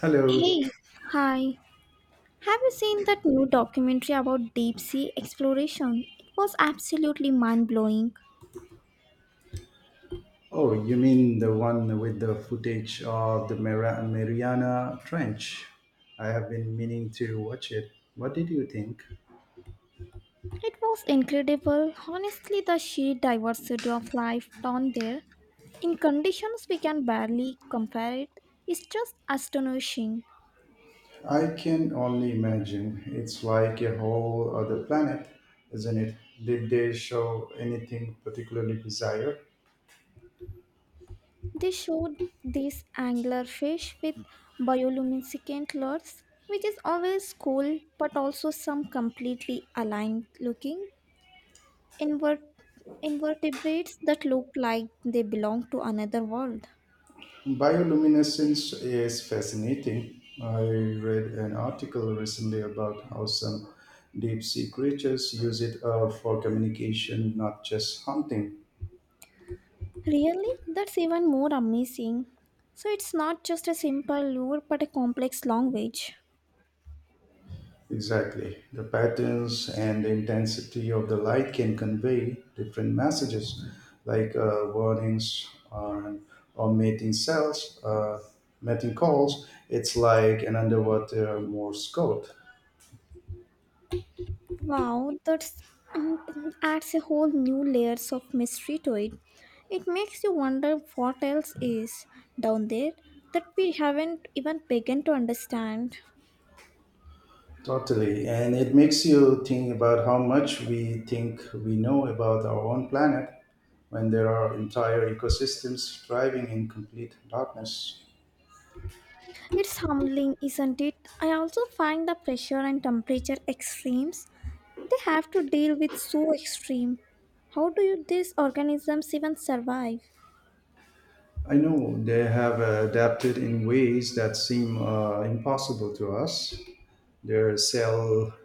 Hello. Hey, hi. Have you seen that new documentary about deep sea exploration? It was absolutely mind blowing. Oh, you mean the one with the footage of the Mariana Trench? I have been meaning to watch it. What did you think? It was incredible. Honestly, the sheer diversity of life down there, in conditions we can barely compare it, is just astonishing. I can only imagine. It's like a whole other planet, isn't it? Did they show anything particularly bizarre? They showed these anglerfish with bioluminescent lures, which is always cool but also some completely aligned looking. Invert- invertebrates that look like they belong to another world. Bioluminescence is fascinating. I read an article recently about how some deep sea creatures use it for communication, not just hunting. Really? That's even more amazing. So it's not just a simple lure but a complex language. Exactly. The patterns and the intensity of the light can convey different messages, like warnings on, or mating cells, mating calls. It's like an underwater Morse code. Wow, that's um, adds a whole new layers of mystery to it. It makes you wonder what else is down there that we haven't even begun to understand. Totally. And it makes you think about how much we think we know about our own planet when there are entire ecosystems thriving in complete darkness. It's humbling, isn't it? I also find the pressure and temperature extremes. They have to deal with so extreme. How do you, these organisms even survive? I know they have adapted in ways that seem impossible to us. Their cell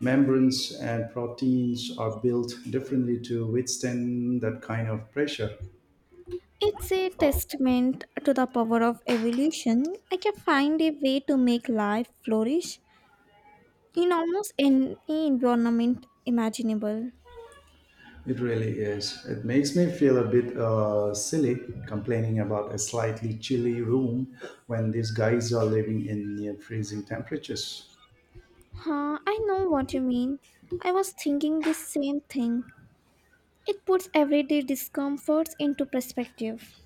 membranes and proteins are built differently to withstand that kind of pressure. It's a testament to the power of evolution. I can find a way to make life flourish in almost any environment imaginable. It really is. It makes me feel a bit silly complaining about a slightly chilly room when these guys are living in near freezing temperatures. Huh, I know what you mean. I was thinking the same thing. It puts everyday discomforts into perspective.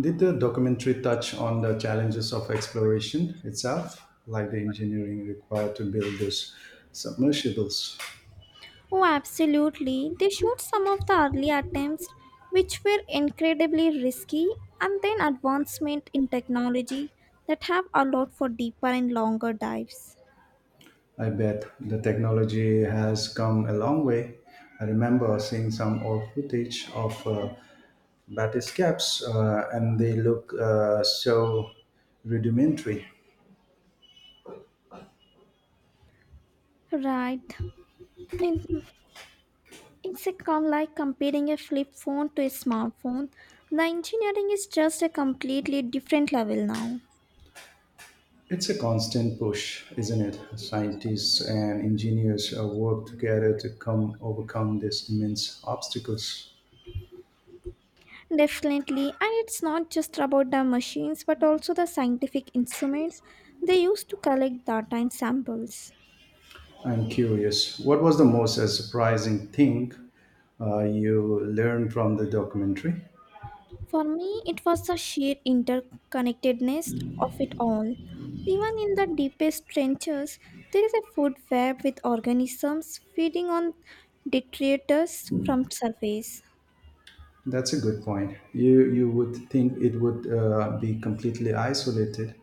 Did the documentary touch on the challenges of exploration itself, like the engineering required to build those submersibles? Oh, absolutely. They showed some of the early attempts, which were incredibly risky, and then advancement in technology that have allowed for deeper and longer dives. I bet the technology has come a long way. I remember seeing some old footage of battlescapes, and they look so rudimentary. Right. In, it's a like comparing a flip phone to a smartphone. The engineering is just a completely different level now. It's a constant push, isn't it? Scientists and engineers work together to come overcome these immense obstacles. Definitely, and it's not just about the machines but also the scientific instruments they use to collect data and samples. I'm curious, what was the most surprising thing you learned from the documentary? For me, it was the sheer interconnectedness of it all. Even in the deepest trenches, there is a food web with organisms feeding on detritus from surface. That's a good point. You would think it would be completely isolated,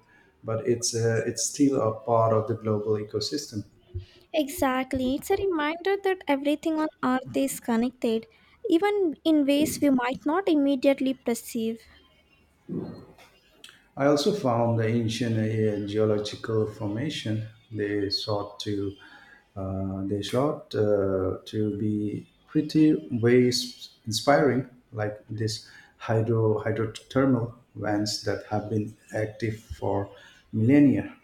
but it's still a part of the global ecosystem. Exactly, it's a reminder that everything on earth is connected, even in ways we might not immediately perceive. I also found the ancient geological formation they sought to be pretty ways inspiring, like this hydrothermal vents that have been active for millennia.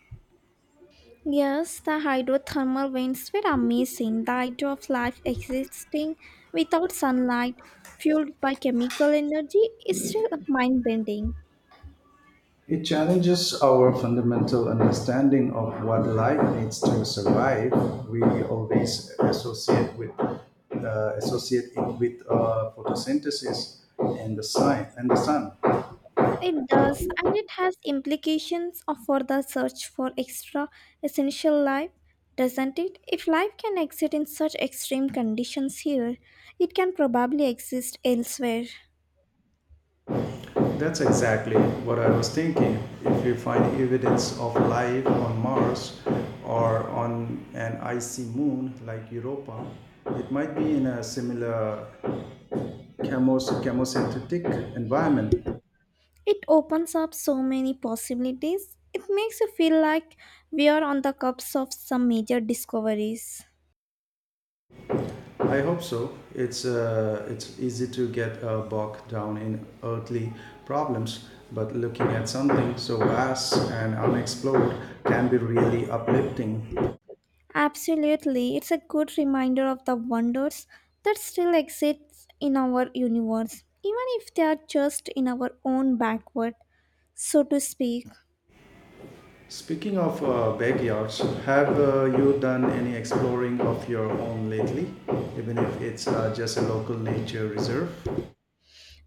Yes, the hydrothermal vents were amazing. The idea of life existing without sunlight, fueled by chemical energy, is still mind-bending. It challenges our fundamental understanding of what life needs to survive. We always associate with associate it with photosynthesis and the sun. And the sun. It does, and it has implications for the search for extra essential life, doesn't it? If life can exist in such extreme conditions here, it can probably exist elsewhere. That's exactly what I was thinking. If we find evidence of life on Mars or on an icy moon like Europa, it might be in a similar chemosynthetic environment. It opens up so many possibilities. It makes you feel like we are on the cusp of some major discoveries. I hope so. It's easy to get bogged down in earthly problems, but looking at something so vast and unexplored can be really uplifting. Absolutely, it's a good reminder of the wonders that still exist in our universe, even if they are just in our own backward, so to speak. Speaking of backyards, have you done any exploring of your own lately? Even if it's just a local nature reserve.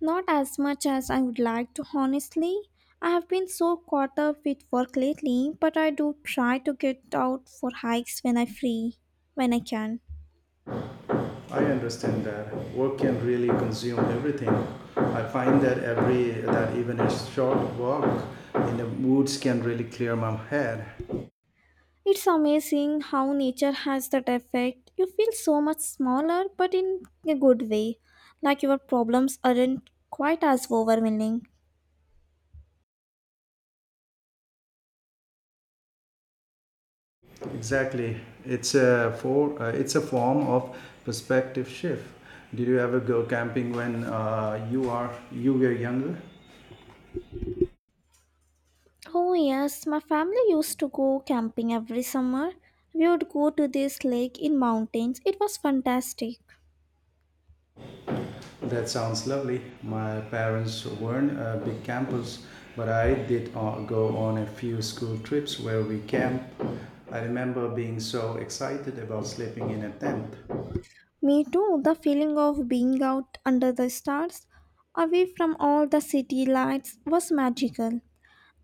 Not as much as I would like to, honestly. I have been so caught up with work lately, but I do try to get out for hikes when I can. I understand that work can really consume everything. I find that every that even a short walk in the woods can really clear my head. It's amazing how nature has that effect. You feel so much smaller, but in a good way. Like your problems aren't quite as overwhelming. Exactly. It's a form of perspective shift. Did you ever go camping when you were younger? Oh, yes, my family used to go camping every summer. We would go to this lake in mountains. It was fantastic. That sounds lovely. My parents weren't big campers, but I did go on a few school trips where we camp. I remember being so excited about sleeping in a tent. Me too, the feeling of being out under the stars, away from all the city lights, was magical.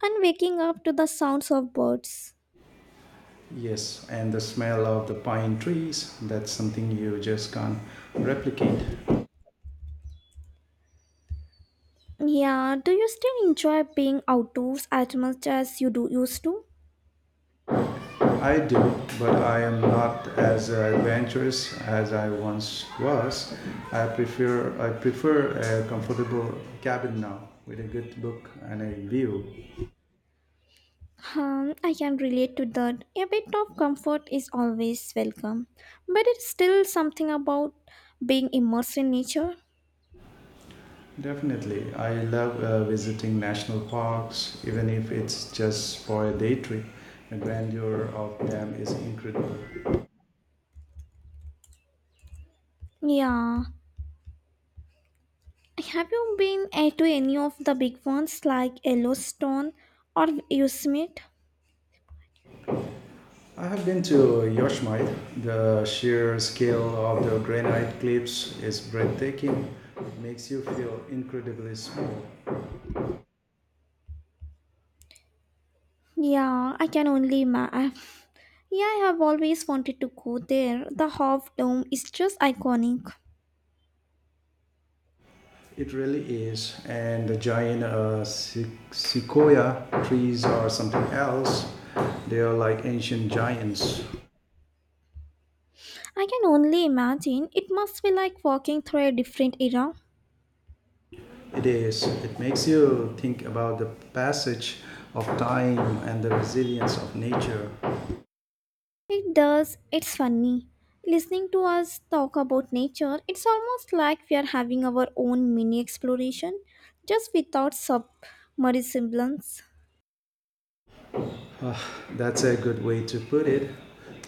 And waking up to the sounds of birds. Yes, and the smell of the pine trees, that's something you just can't replicate. Yeah, do you still enjoy being outdoors as much as you do used to? I do, but I am not as adventurous as I once was. I prefer a comfortable cabin now with a good book and a view. I can relate to that. A bit of comfort is always welcome, but it's still something about being immersed in nature. Definitely, I love visiting national parks, even if it's just for a day trip. The grandeur of them is incredible. Yeah. Have you been to any of the big ones like Yellowstone or Yosemite? I have been to Yosemite. The sheer scale of the granite cliffs is breathtaking. It makes you feel incredibly small. Yeah, I can only imagine. Yeah, I have always wanted to go there. The Half Dome is just iconic. It really is. And the giant sequoia trees or something else, they are like ancient giants. I can only imagine it must be like walking through a different era. It is. It makes you think about the passage of time and the resilience of nature. It does, it's funny. Listening to us talk about nature, it's almost like we are having our own mini exploration, just without submersibles. Ah, that's a good way to put it.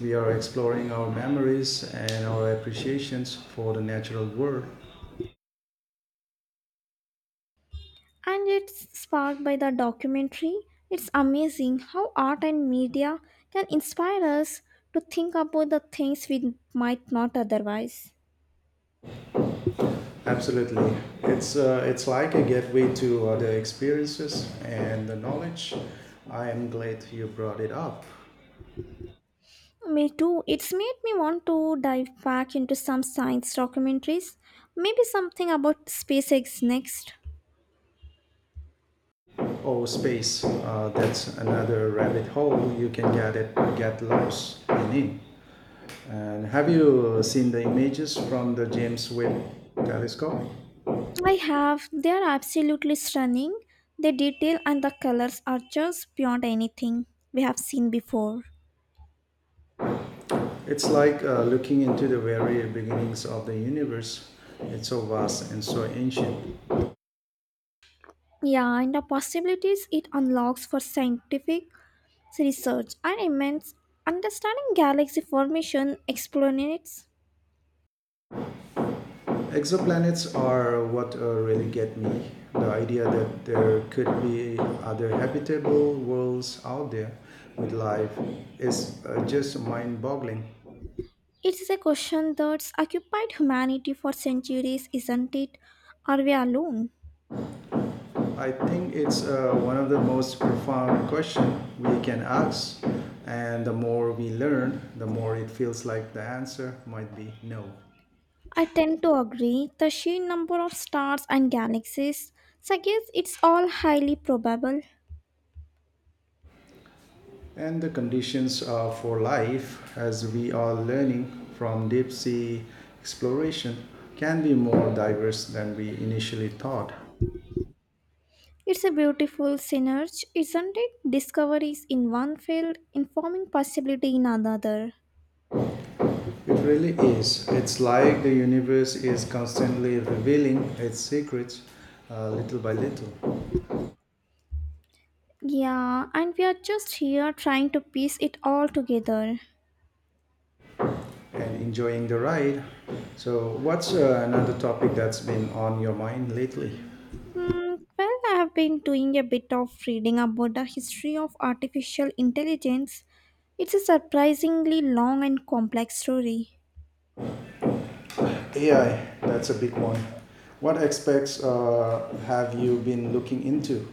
We are exploring our memories and our appreciations for the natural world. And it's sparked by the documentary. It's amazing how art and media can inspire us to think about the things we might not otherwise. Absolutely, it's like a gateway to other experiences and the knowledge. I am glad you brought it up. Me too. It's made me want to dive back into some science documentaries. Maybe something about SpaceX next. Oh, space. That's another rabbit hole you can get lost in. And have you seen the images from the James Webb Telescope? I have. They are absolutely stunning. The detail and the colors are just beyond anything we have seen before. It's like looking into the very beginnings of the universe. It's so vast and so ancient. Yeah, and the possibilities it unlocks for scientific research are immense understanding galaxy formation explanates. Exoplanets are what really get me. The idea that there could be other habitable worlds out there with life is just mind-boggling. It's a question that's occupied humanity for centuries, isn't it? Are we alone? I think it's one of the most profound questions we can ask, and the more we learn, the more it feels like the answer might be no. I tend to agree. The sheer number of stars and galaxies suggests it's all highly probable. And the conditions for life, as we are learning from deep sea exploration, can be more diverse than we initially thought. It's a beautiful synergy, isn't it? Discoveries in one field informing possibility in another. It really is. It's like the universe is constantly revealing its secrets little by little Yeah, and we are just here trying to piece it all together. and enjoying the ride. So, what's another topic that's been on your mind lately? Hmm, well, I have been doing a bit of reading about the history of artificial intelligence. It's a surprisingly long and complex story. AI, that's a big one. What aspects have you been looking into?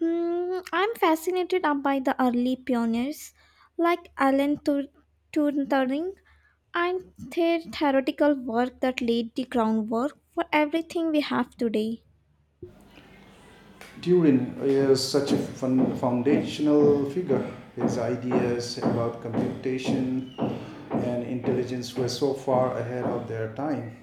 Mm, I'm fascinated up by the early pioneers like Turing and their theoretical work that laid the groundwork for everything we have today. Turing is such a fun, foundational figure. His ideas about computation and intelligence were so far ahead of their time.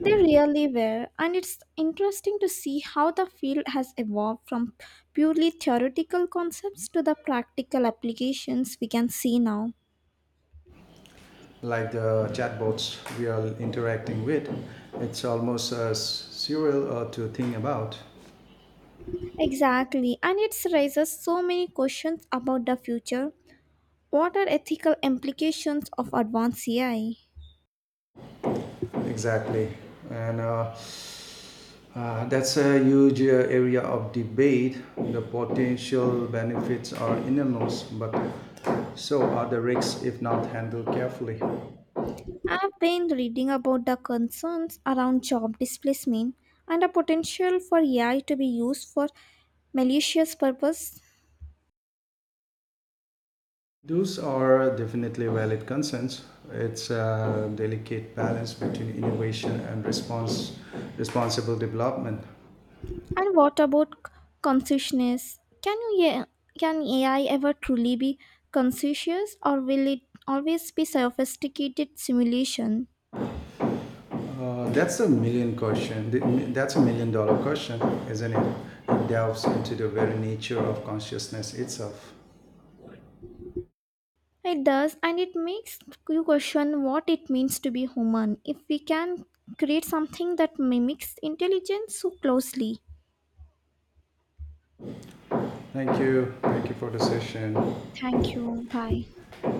They really were, and it's interesting to see how the field has evolved from purely theoretical concepts to the practical applications we can see now. Like the chatbots we are interacting with, it's almost surreal to think about. Exactly, and it raises so many questions about the future. What are ethical implications of advanced AI? Exactly. And That's a huge area of debate. The potential benefits are enormous, but so are the risks if not handled carefully. I've been reading about the concerns around job displacement and the potential for AI to be used for malicious purpose. Those are definitely valid concerns. It's a delicate balance between innovation and responsible development. And what about consciousness? Can AI ever truly be conscious or will it always be sophisticated simulation? Uh, that's a million question. That's a million dollar question, isn't it? It delves into the very nature of consciousness itself. It does and it makes you question what it means to be human if we can create something that mimics intelligence so closely. Thank you. Thank you for the session. Thank you. Bye.